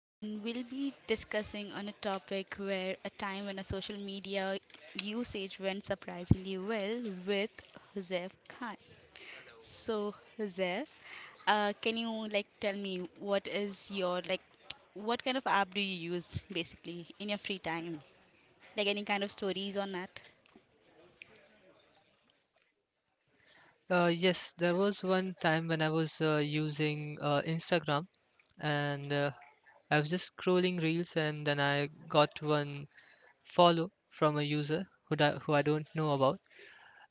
and we'll be discussing on a topic where a time when a social media usage went surprisingly well with Huzef Khan. So, Huzef, can you like tell me what is your like, what kind of app do you use basically in your free time? Like any kind of stories on that? Yes, there was one time when I was using Instagram, and I was just scrolling reels, and then I got one follow from a user who I don't know about.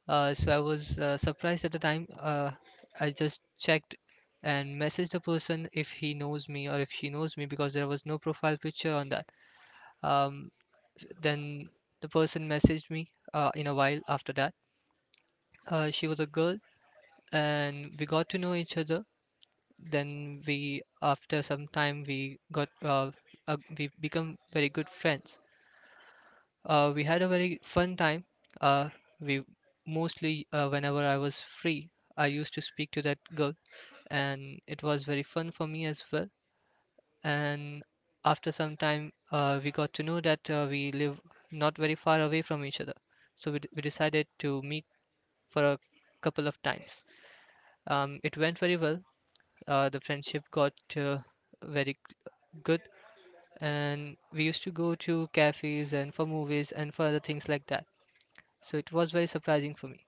So I was surprised at the time. I just checked and messaged the person if he knows me or if she knows me, because there was no profile picture on that. Um, then the person messaged me in a while after that. She was a girl, and we got to know each other. Then, we after some time, we become very good friends. We had a very fun time. uh, we mostly, whenever I was free, I used to speak to that girl, and it was very fun for me as well. And after some time, we got to know that we live not very far away from each other. So we decided to meet for a couple of times. It went very well. The friendship got very good, and we used to go to cafes and for movies and for other things like that. So it was very surprising for me.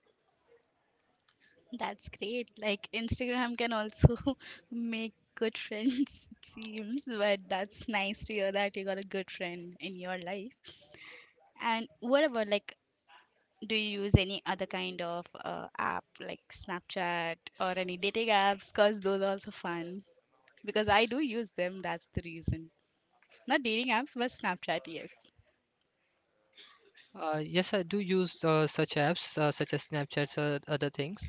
That's great. Like Instagram can also make good friends, it seems, but that's nice to hear that you got a good friend in your life. And what about like, do you use any other kind of app like Snapchat or any dating apps? Cause those are also fun. Because I do use them, that's the reason. Not dating apps, but Snapchat, yes. Yes, I do use such apps, such as Snapchats or other things,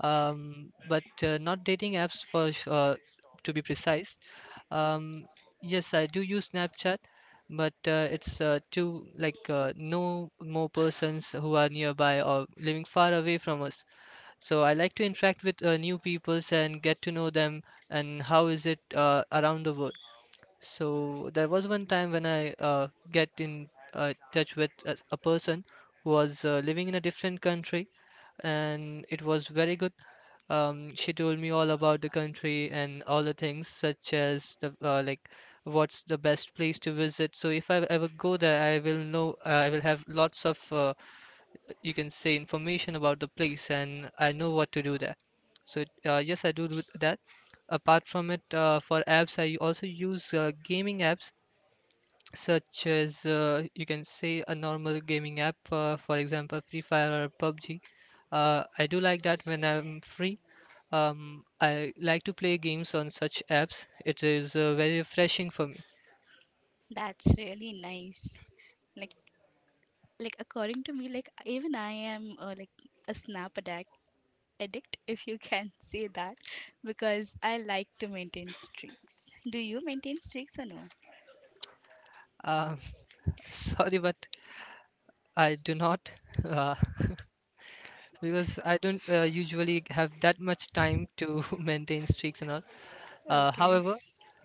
but not dating apps, to be precise. Um, yes, I do use Snapchat, but it's to know more persons who are nearby or living far away from us. So I like to interact with new peoples and get to know them and how is it around the world. So there was one time when I get in touch with a person who was living in a different country, and it was very good. She told me all about the country and all the things, such as the like what's the best place to visit. So if I ever go there, I will have lots of you can say information about the place, and I know what to do there. Yes, I do that. Apart from it, for apps, I also use gaming apps, such as you can say a normal gaming app, for example, Free Fire or PUBG. I do like that when I'm free. I like to play games on such apps. It is very refreshing for me. That's really nice. Like, like according to me, like even I am like a snap addict, if you can say that, because I like to maintain streaks. Do you maintain streaks or no? Um Sorry, but I do not. Uh, because I don't usually have that much time to maintain streaks and all. Okay. However,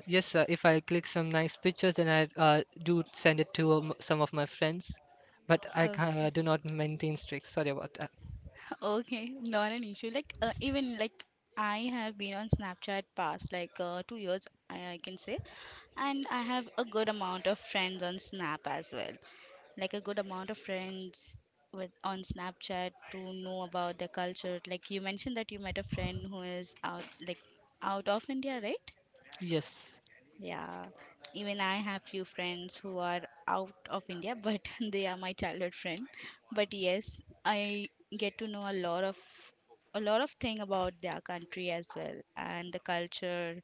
yes, if I click some nice pictures, then I do send it to some of my friends. But I Okay. do not maintain streaks. Sorry about that. Okay, not an issue. Like even like I have been on Snapchat past like 2 years, I can say, and I have a good amount of friends on Snap as well. Like a good amount of friends with on Snapchat to know about their culture. Like you mentioned that you met a friend who is out like out of India, right? Yes, Yeah, even I have few friends who are out of India, but they are my childhood friend. But yes, I get to know a lot of thing about their country as well, and the culture,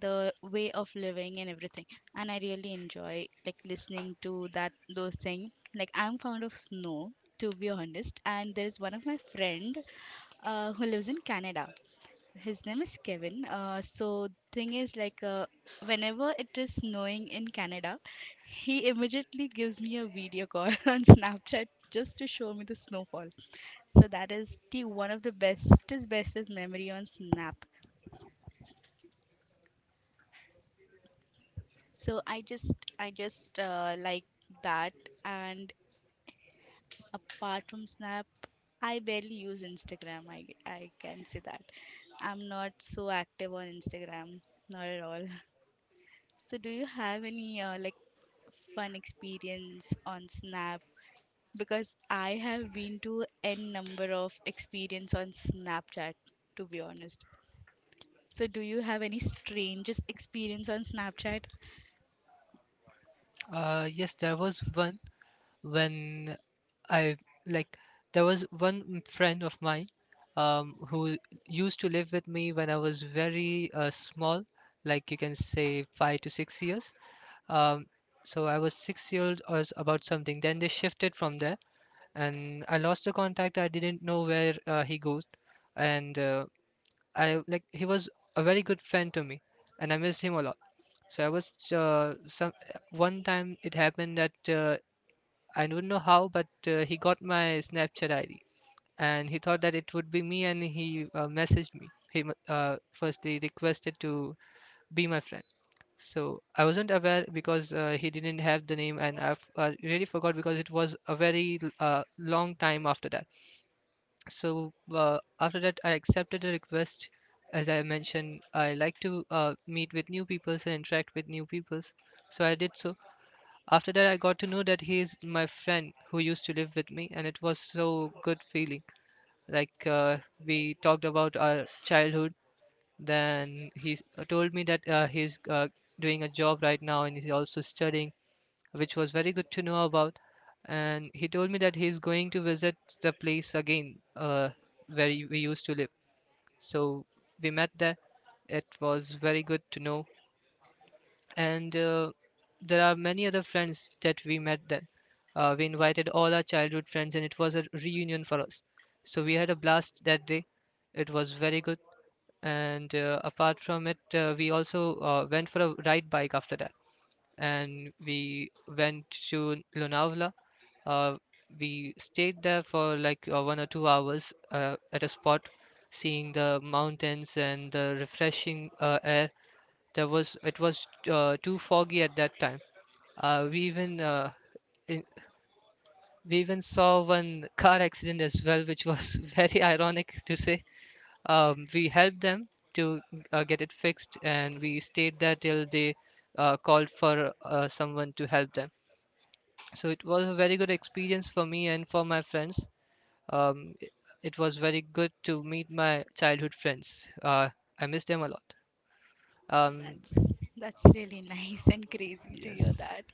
the way of living, and everything. And I really enjoy like listening to that those things. Like I'm fond of snow, to be honest. And there is one of my friend who lives in Canada. His name is Kevin. So thing is like whenever it is snowing in Canada, he immediately gives me a video call on Snapchat just to show me the snowfall. So that is the one of the bestest bestest memory on Snap. So I just like that, and apart from Snap, I barely use Instagram. I can say that. I'm not so active on Instagram, not at all. So do you have any like fun experience on Snap, because I have been to n number of experience on Snapchat, to be honest. So do you have any strangest experience on Snapchat? Yes, there was one when I like there was one friend of mine, who used to live with me when I was very small, like you can say 5 to 6 years. Um, so I was 6-year old or about something. Then they shifted from there, and I lost the contact. I didn't know where he goes, and I like he was a very good friend to me, and I missed him a lot. So I was some one time it happened that I don't know how, but he got my Snapchat ID, and he thought that it would be me, and he messaged me. He firstly requested to be my friend. So I wasn't aware because he didn't have the name, and I've really forgot because it was a very long time after that. So after that, I accepted the request. As I mentioned, I like to meet with new peoples and interact with new peoples. So I did so. After that, I got to know that he is my friend who used to live with me, and it was so good feeling. Like, we talked about our childhood. Then he told me that he's doing a job right now, and he's also studying, which was very good to know about. And he told me that he's going to visit the place again, where we used to live. So we met there. It was very good to know. And there are many other friends that we met then. We invited all our childhood friends, and it was a reunion for us. So we had a blast that day. It was very good. And apart from it, we also went for a ride bike after that. And we went to Lonavala. Uh, we stayed there for like 1 or 2 hours at a spot, seeing the mountains and the refreshing air. There was It was too foggy at that time. Uh, we even uh, in, we even saw one car accident as well, which was very ironic to say. We helped them to get it fixed, and we stayed there till they called for someone to help them. So it was a very good experience for me and for my friends. um, it, it was very good to meet my childhood friends. I miss them a lot. um, That's that's really nice and crazy to hear yes. that.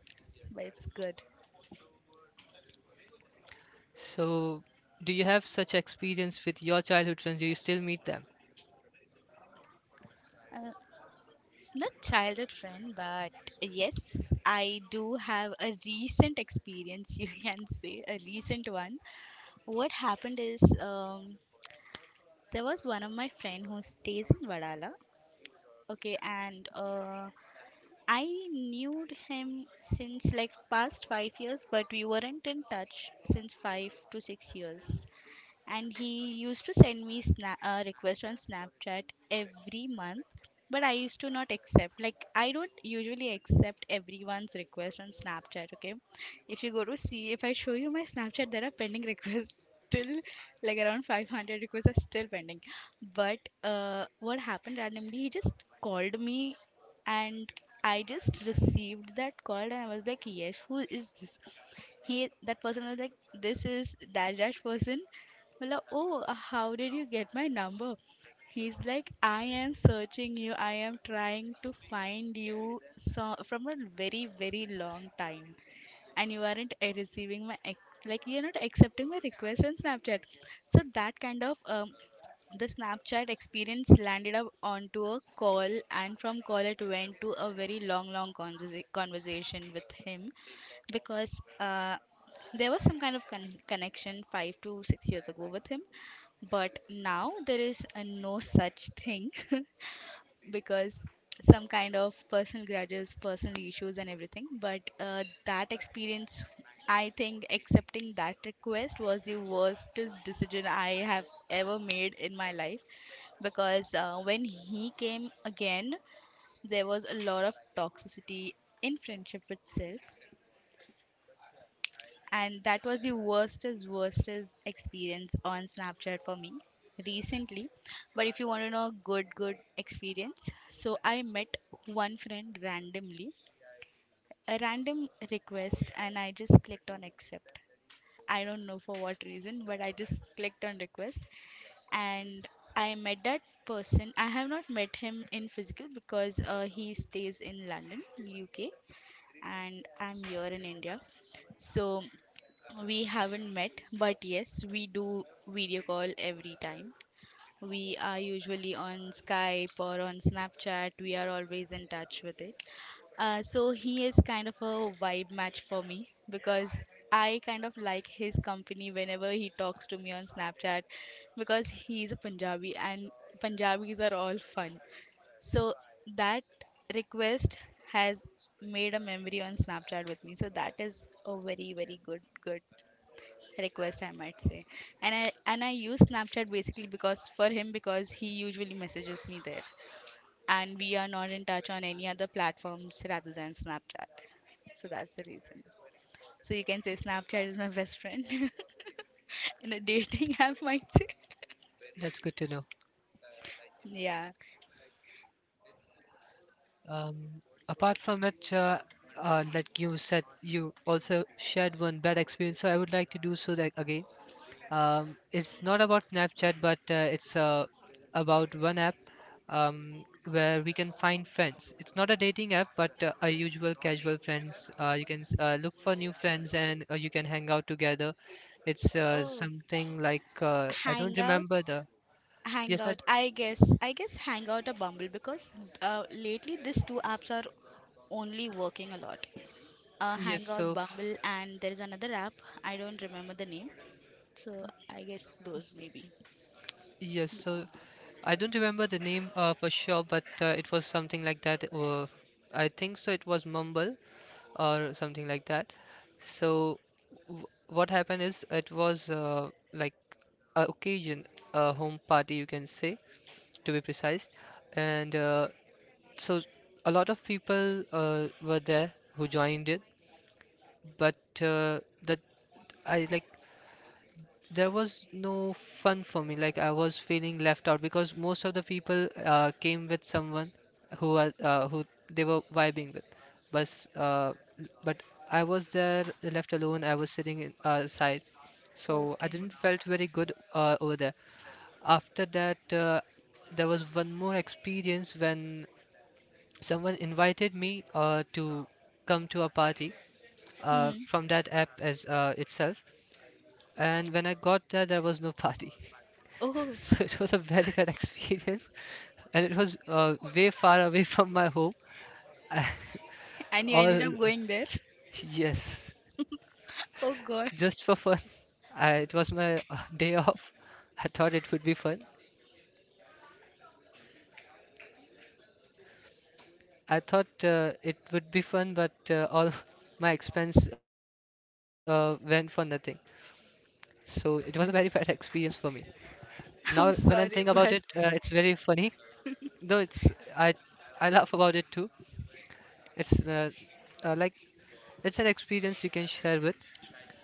But it's good. So do you have such experience with your childhood friends? Do you still meet them? Uh, Not childhood friend, but yes, I do have a recent experience, you can say, a recent one. What happened is there was one of my friend who stays in Vadala. Okay, and I knew him since like past 5 years, but we weren't in touch since 5 to 6 years, and he used to send me request on Snapchat every month, but I used to not accept. Like I don't usually accept everyone's request on Snapchat. Okay, if you go to see, if I show you my Snapchat, there are pending requests still, like around 500 requests are still pending. But what happened, randomly he just called me, and I just received that call, and I was like, yes, who is this? He, that person was like, this is dash dash person. Well, how did you get my number? He's like, I am searching you. I am trying to find you so from a very, very long time, and you aren't receiving my ex, like you're not accepting my request on Snapchat. So that kind of the Snapchat experience landed up onto a call, and from call it went to a very long, long conversation with him, because there was some kind of connection 5 to 6 years ago with him, but now there is a no such thing. Because some kind of personal grudges, personal issues, and everything. But that experience, I think accepting that request was the worstest decision I have ever made in my life, because when he came again, there was a lot of toxicity in friendship itself, and that was the worstest worstest experience on Snapchat for me recently. But if you want to know good good experience, so I met one friend randomly, a random request, and I just clicked on accept. I don't know for what reason, but I just clicked on request, and I met that person. I have not met him in physical because he stays in London, UK, and I'm here in India. So we haven't met, but yes, we do video call every time. We are usually on Skype or on Snapchat. We are always in touch with it. So he is kind of a vibe match for me, because I kind of like his company whenever he talks to me on Snapchat, because he's a Punjabi and Punjabis are all fun. So that request has made a memory on Snapchat with me. So that is a very, very good, good request, I might say. And I use Snapchat basically because for him, because he usually messages me there, and we are not in touch on any other platforms rather than Snapchat. So that's the reason. So you can say Snapchat is my best friend in a dating app, might say. That's good to know. Yeah. Um, Apart from which, like you said, you also shared one bad experience, so I would like to do so that again. It's not about Snapchat, but it's about one app, where we can find friends. It's not a dating app, but a usual casual friends. You can look for new friends, and you can hang out together. It's Oh, something like, I don't hangout. remember the. Yes, I Hangout, I guess. I guess hangout or Bumble because lately these two apps are only working a lot. Yes, Hangout, so Bumble, and there is another app. I don't remember the name. So I guess those maybe. yes, so I don't remember the name for sure, but it was something like that. I think so. It was Mumble or something like that. So, w what happened is it was like a occasion, a home party, you can say, to be precise. And so, a lot of people were there who joined it, but uh, that I like there was no fun for me. Like, I was feeling left out because most of the people came with someone who they were vibing with, but uh, but I was there left alone. I was sitting aside, so I Okay. didn't felt very good over there. After that, there was one more experience when someone invited me to come to a party Mhm. from that app as itself. And when I got there was no party. Oh. So it was a very bad experience, and it was way far away from my home. And you ended up All going there. Yes, Oh God. just for fun. It was my day off. I thought it would be fun. I thought it would be fun, but all my expense went for nothing. So it was a very bad experience for me. Now, when I'm I'm thinking about it, sorry, but it's very funny. Though it's I I laugh about it too. It's like it's an experience you can share with.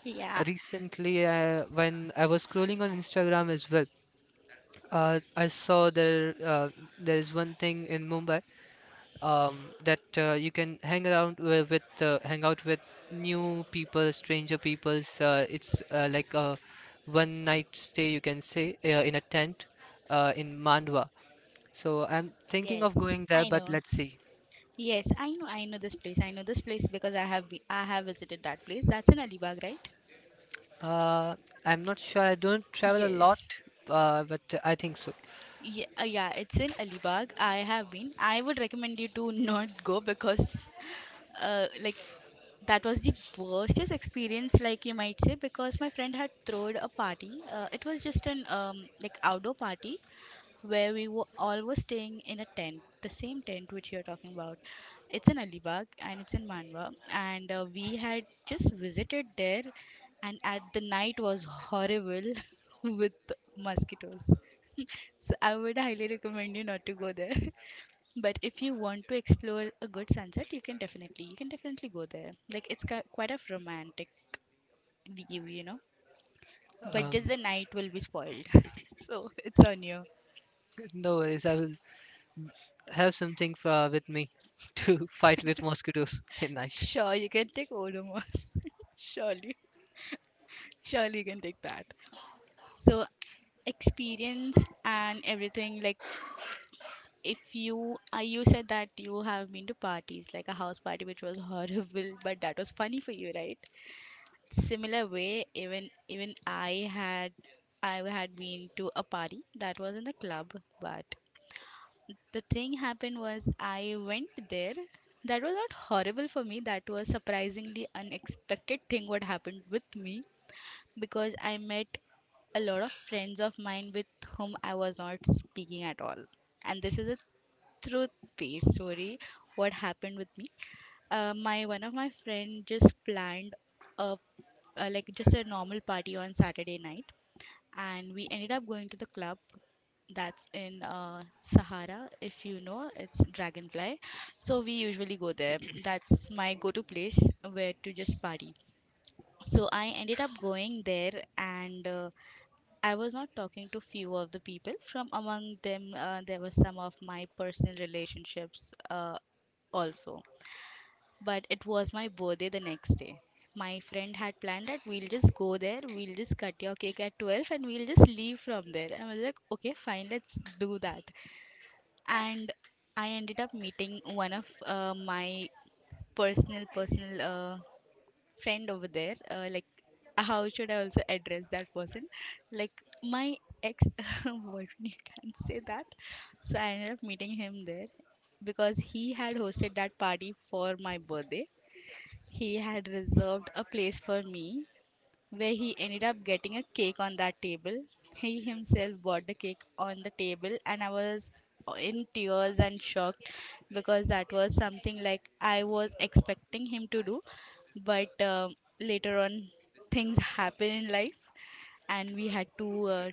yeah. Recently, when I was scrolling on Instagram as well, I saw there there is one thing in Mumbai, um, that you can hang around with hang out with new people, stranger peoples. It's like a one night stay, you can say, in a tent, in Mandwa. So I'm thinking Yes, of going there, I but know. let's see. Yes, I know. I know this place. I know this place because I have visited that place. That's in Alibag, right? Uh, I'm not sure. I don't travel a lot, Yes. But I think so. Yeah, yeah, it's in Alibag. I have been. I would recommend you to not go, because like, that was the worstest experience, like you might say, because my friend had thrown a party. It was just an like outdoor party, where we were all were staying in a tent, the same tent which you're talking about. It's in Alibag and it's in Manwa, and we had just visited there, and at the night was horrible with mosquitoes. So I would highly recommend you not to go there. But if you want to explore a good sunset, you can definitely go there. Like it's quite a romantic view, you know. But just Um, the night will be spoiled. So it's on you. no worries. I will have something with me to fight with mosquitoes at night. Sure, you can take Odomos. Surely. Surely you can take that. So experience and everything, like if you you said that you have been to parties like a house party which was horrible, but that was funny for you, right? Similar way, even I had been to a party that was in a club. But the thing happened was I went there. That was not horrible for me. That was surprisingly unexpected thing what happened with me, because I met a lot of friends of mine with whom I was not speaking at all. And this is a truth-based story. What happened with me? My one of my friend just planned a, a like just a normal party on Saturday night, and we ended up going to the club that's in Sahara, if you know, it's Dragonfly. So we usually go there. That's my go to place where to just party. So I ended up going there, and I was not talking to few of the people. From among them, there were some of my personal relationships also. But it was my birthday the next day. My friend had planned that we'll just go there, we'll just cut your cake at 12, and we'll just leave from there. I was like, okay, fine, let's do that. And I ended up meeting one of my personal friend over there. Like, how should I also address that person? Like, my ex boyfriend, you can't say that. So I ended up meeting him there because he had hosted that party for my birthday. He had reserved a place for me where he ended up getting a cake on that table. He himself bought the cake on the table, and I was in tears and shocked because that was something like I was expecting him to do. But later on, things happen in life, and we had to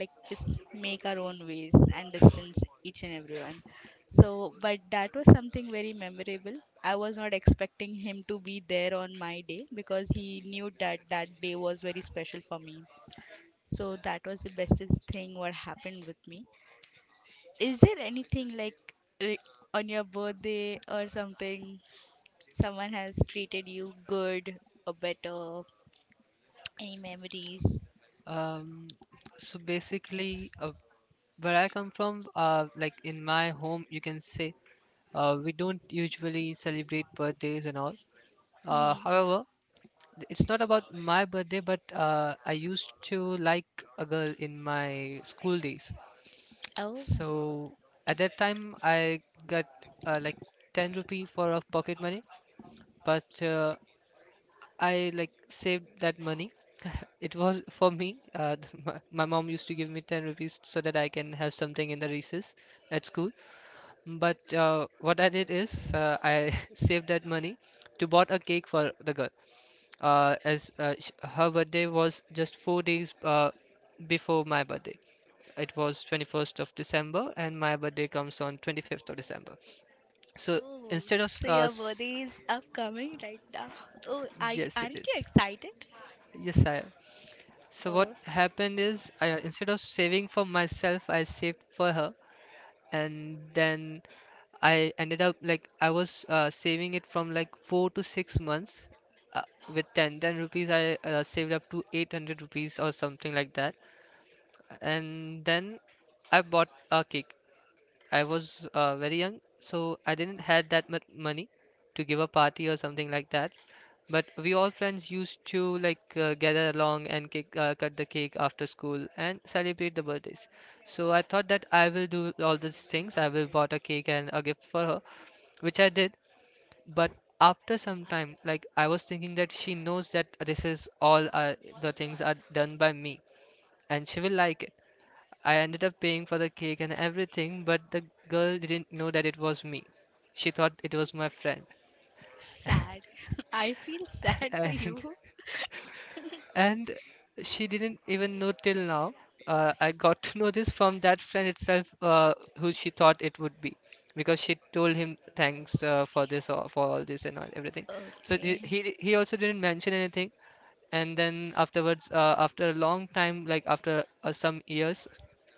like just make our own ways and distance each and everyone. So but that was something very memorable. I was not expecting him to be there on my day because he knew that that day was very special for me. So that was the bestest thing what happened with me. Is there anything like re- on your birthday or something someone has treated you good or better, any memories? Um, so basically, where I come from, like in my home, you can say, we don't usually celebrate birthdays and all. Hmm. However, it's not about my birthday, but I used to like a girl in my school days. Oh. So at that time, I got like 10 rupee for a pocket money, but I like saved that money. It was for me. My mom used to give me 10 rupees so that I can have something in the recess at school. But what I did is I saved that money to bought a cake for the girl. Her birthday was just 4 days before my birthday. It was 21st of December, and my birthday comes on 25th of December. So Oh, instead of s- so your s- birthday is upcoming right now. Oh, I, yes, it aren't you is. excited? Yes, I So what Oh. happened is, I, instead of saving for myself, I saved for her, and then I ended up like I was saving it from like 4 to 6 months. Uh, with ten rupees, I saved up to 800 rupees or something like that, and then I bought a cake. I was very young, so I didn't had that much money to give a party or something like that. But we all friends used to like gather along and cut the cake after school and celebrate the birthdays. So I thought that I will do all these things. I will bought a cake and a gift for her, which I did. But after some time, like I was thinking that she knows that this is all the things are done by me, and she will like it. I ended up paying for the cake and everything, but the girl didn't know that it was me. She thought it was my friend. Sad. I feel sad for And you. and she didn't even know till now. I got to know this from that friend itself, who she thought it would be, because she told him thanks for this or for all this and all, everything. So the- Okay. he he also didn't mention anything, and then afterwards, after a long time, like after some years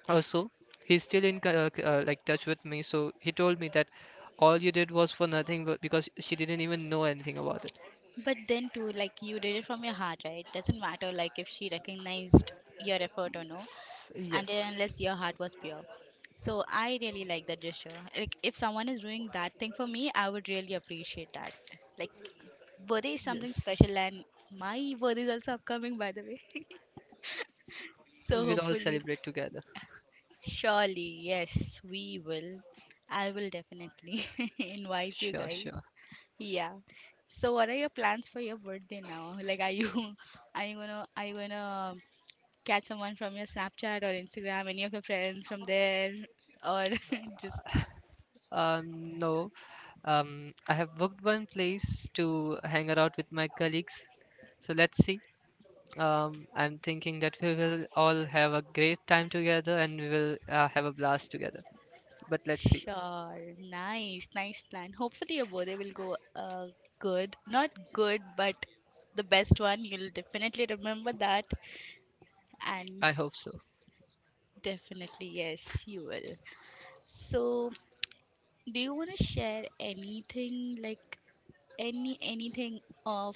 or so, he's still in touch with me. So he told me that all you did was for nothing, but because she didn't even know anything about it. But then too, like you did it from your heart, right? Doesn't matter like if she recognized your effort or no, S- and Yes, then unless your heart was pure. So I really like that gesture. Like if someone is doing that thing for me, I would really appreciate that. Like birthday is something yes. special, and my birthday is also upcoming, by the way. So We'll all hopefully, celebrate together. surely, yes, we will. I will definitely invite you Sure, guys. sure. Yeah. So what are your plans for your birthday now? Like are you are you gonna catch someone from your Snapchat or Instagram, any of your friends from there? Or just No, I have booked one place to hang out with my colleagues. So let's see. I'm thinking that we will all have a great time together and we will have a blast together. But let's see. sure. Nice, nice plan. Hopefully your birthday will go good. Not good, but the best one. You'll definitely remember that. And I hope so. definitely, yes, you will. So, do you want to share anything like any anything of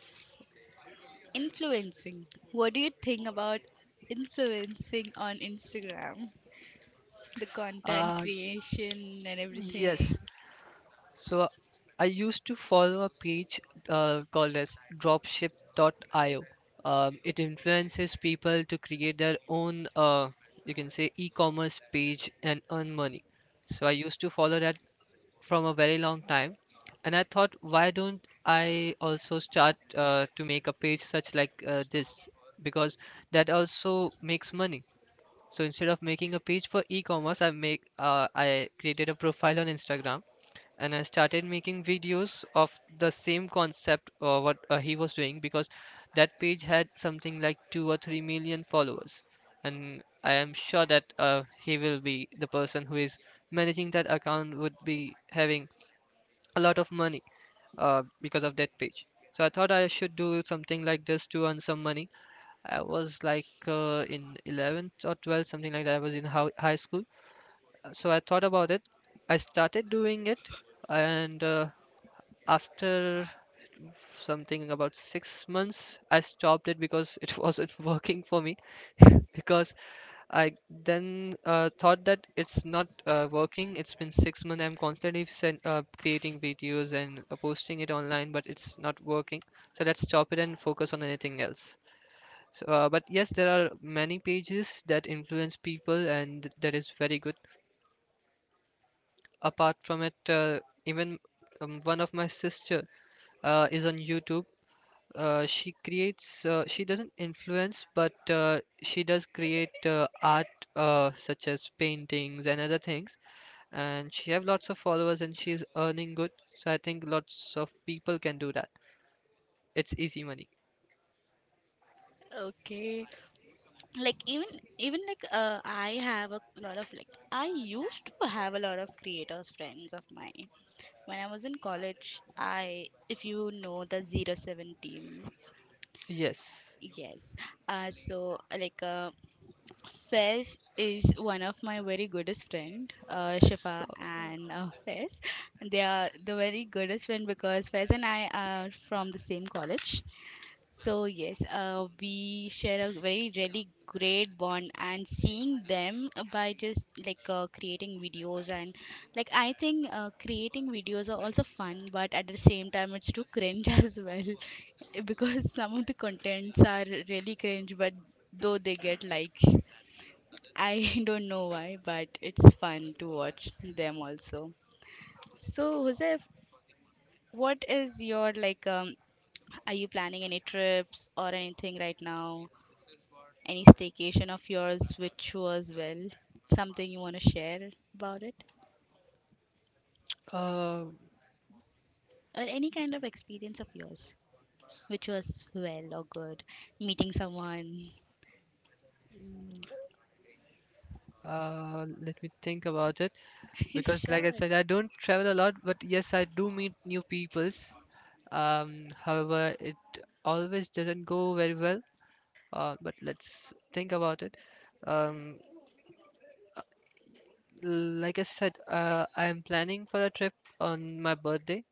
influencing? What do you think about influencing on Instagram? The content Uh, creation and everything. yes. So I used to follow a page called as dropship.io. It influences people to create their own, you can say, e-commerce page and earn money. So I used to follow that from a very long time, and I thought, why don't I also start to make a page such like this because that also makes money. So instead of making a page for e-commerce, I created a profile on Instagram, and I started making videos of the same concept or what he was doing because that page had something like 2 or 3 million followers, and I am sure that he will be the person who is managing that account would be having a lot of money because of that page. So I thought I should do something like this to earn some money. I was like in 11th or 12th, something like that. I was in high school. So I thought about it. I started doing it, and after something about 6 months, I stopped it because it wasn't working for me. Because I then thought that it's not working. It's been 6 months. I'm constantly creating videos and posting it online, but it's not working. So let's stop it and focus on anything else. So, but yes, there are many pages that influence people, and that is very good. Apart from it, even one of my sister is on YouTube. She creates she doesn't influence, but she does create art, such as paintings and other things, and she have lots of followers, and she is earning good. So I think lots of people can do that. It's easy money. Okay. Like even like I have a lot of like I used to have a lot of creators friends of mine when I was in college, I if you know the 07 team. Yes. Yes. So like Fez is one of my very goodest friend, So Shifa and Fez. They are the very goodest friend because Fez and I are from the same college. So yes, we share a very really great bond, and seeing them by just like creating videos and like I think creating videos are also fun, but at the same time it's too cringe as well. Because some of the contents are really cringe, but though they get likes, I don't know why, but it's fun to watch them also. So, Joseph, what is your like? Are you planning any trips or anything right now? Any staycation of yours which was well? Something you want to share about it? uh, Or any kind of experience of yours which was well or good? Meeting someone? Let me think about it, because like I Sure. said, I don't travel a lot, but yes, I do meet new peoples. However, it always doesn't go very well. But let's think about it. Um, like I said, I am planning for a trip on my birthday.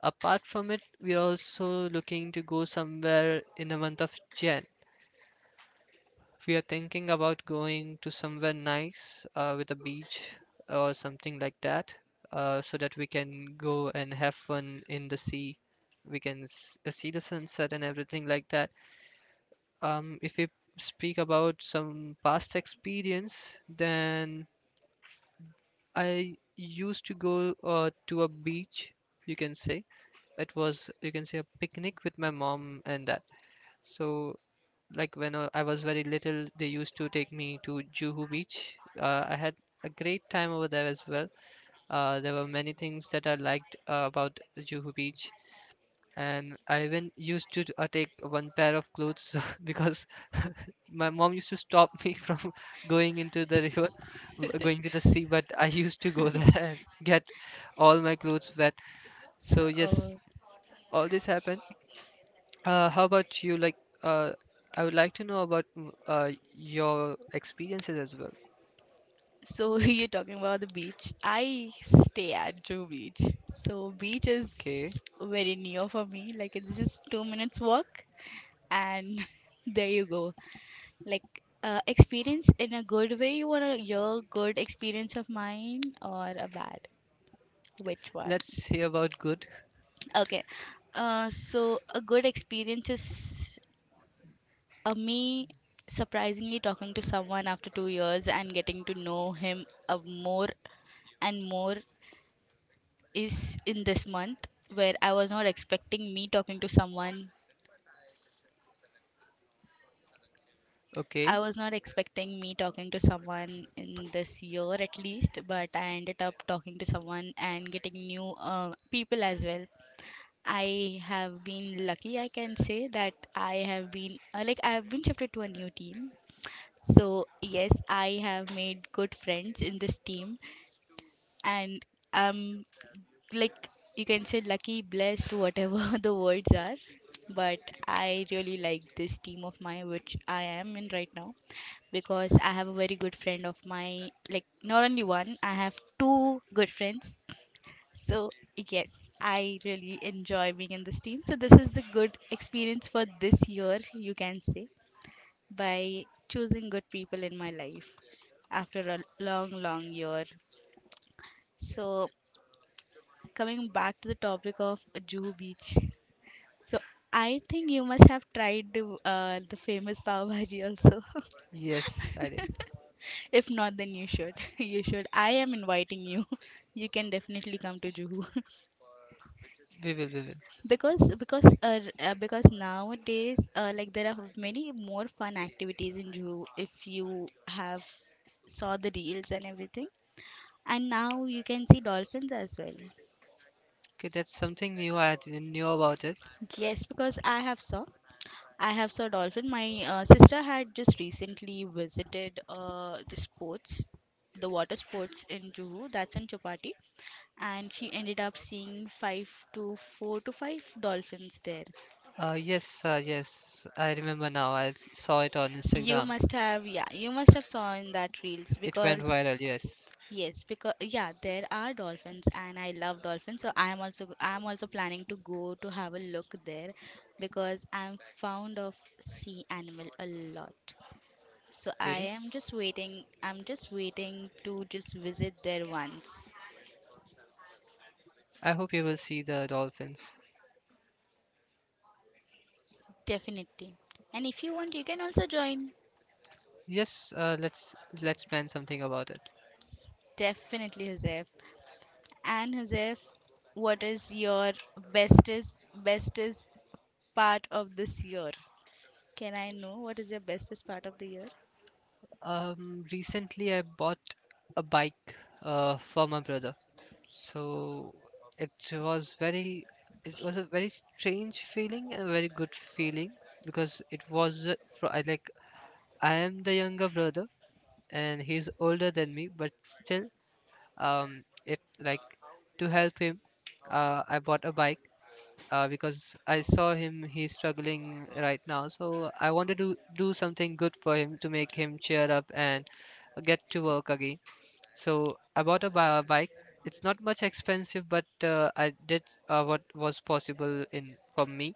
Apart from it, we are also looking to go somewhere in the month of Jan. We are thinking about going to somewhere nice with a beach or something like that, so that we can go and have fun in the sea. We can see the sunset and everything like that. If we speak about some past experience, then I used to go to a beach, you can say. It was, you can say, a picnic with my mom and that. So, like when I was very little, they used to take me to Juhu Beach. I had a great time over there as well. There were many things that I liked about the Juhu Beach, and I even used to take one pair of clothes because my mom used to stop me from going into the river, going to the sea, but I used to go there and get all my clothes wet. So yes, Oh. all this happened. How about you? Like, uh, I would like to know about your experiences as well. So you're talking about the beach. I stay at Drew Beach. So beach Okay, is very near for me. Like it's just 2 minutes walk, and there you go. Like experience in a good way. You wanna hear good experience of mine or a bad? Which one? let's hear about good. Okay. So a good experience is me surprisingly talking to someone after 2 years and getting to know him more and more is in this month where I was not expecting me talking to someone. I Okay, was not expecting me talking to someone in this year at least, but I ended up talking to someone and getting new people as well. I have been lucky, I can say that I have been like I have been shifted to a new team. So, yes, I have made good friends in this team and I'm like you can say lucky, blessed, whatever the words are. But I really like this team of mine, which I am in right now, because I have a very good friend of mine. Like not only one, I have two good friends. So yes, I really enjoy being in this team. So this is the good experience for this year, you can say, by choosing good people in my life after a long, long year. So coming back to the topic of Juhu Beach. So I think you must have tried the famous pav bhaji also. yes, I did. If not, then you should. You should. I am inviting you. You can definitely come to Juhu We will, we will. because because uh, r- because nowadays like there are many more fun activities in Juhu if you have saw the reels and everything. And now you can see dolphins as well. Okay, that's something new. I didn't know about it. Yes, because I have saw. I have saw dolphin. My sister had just recently visited the sports, the water sports in Juhu, that's in Chopati, and she ended up seeing five to four to five dolphins there. Yes, yes, I remember now. I saw it on You Instagram. must have, yeah, you must have saw in that reels It went because viral, yes. yes, because yeah, there are dolphins, and I love dolphins, so I am also planning to go to have a look there because I'm fond of sea animal a lot. So I Okay. am just waiting. I'm just waiting to just visit there once. I hope you will see the dolphins. Definitely. And if you want, you can also join. Yes, let's plan something about it. Definitely, Joseph. And Joseph, what is your bestest bestest part of this year? Can I know what is your bestest part of the year? Recently I bought a bike for my brother. So it was very it was a very strange feeling and a very good feeling, because it was fro- I like I am the younger brother and he's older than me, but still, it like to help him, I bought a bike. Because I saw him, he's struggling right now, so I wanted to do something good for him to make him cheer up and get to work again. So I bought a bike. It's not much expensive, but I did what was possible in for me,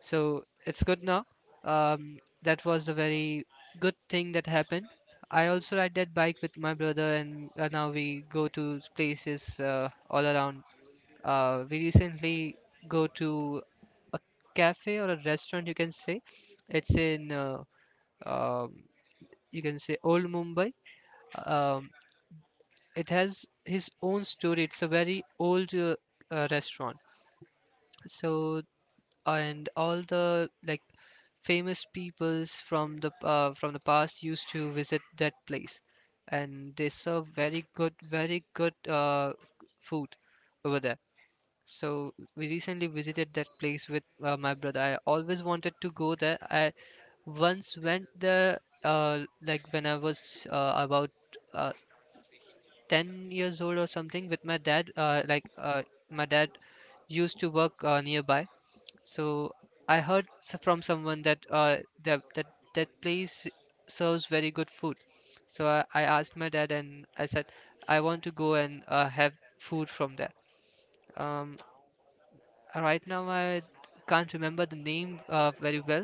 so it's good now. Um, that was a very good thing that happened. I also ride that bike with my brother, and now we go to places all around. We recently go to a cafe or a restaurant, you can say. It's in um, you can say old Mumbai. Um, it has his own story. It's a very old restaurant. So and all the like famous peoples from the past used to visit that place, and they serve very good, very good food over there. So we recently visited that place with my brother. I always wanted to go there. I once went there like when I was about uh, 10 years old or something with my dad, like my dad used to work nearby. So I heard from someone that that that that place serves very good food. So I asked my dad and I said I want to go and have food from there. Um, right now I can't remember the name very well,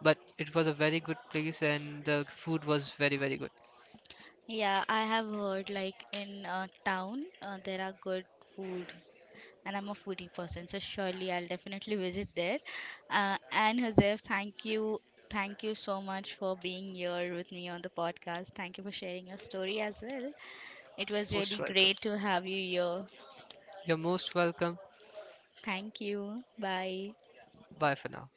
but it was a very good place and the food was very, very good. Yeah, I have heard like in town there are good food. And I'm a foodie person, so surely I'll definitely visit there. And Joseph, thank you so much for being here with me on the podcast. Thank you for sharing your story as well. It was Most really welcome. great to have you here. You're most welcome. Thank you. Bye. Bye for now.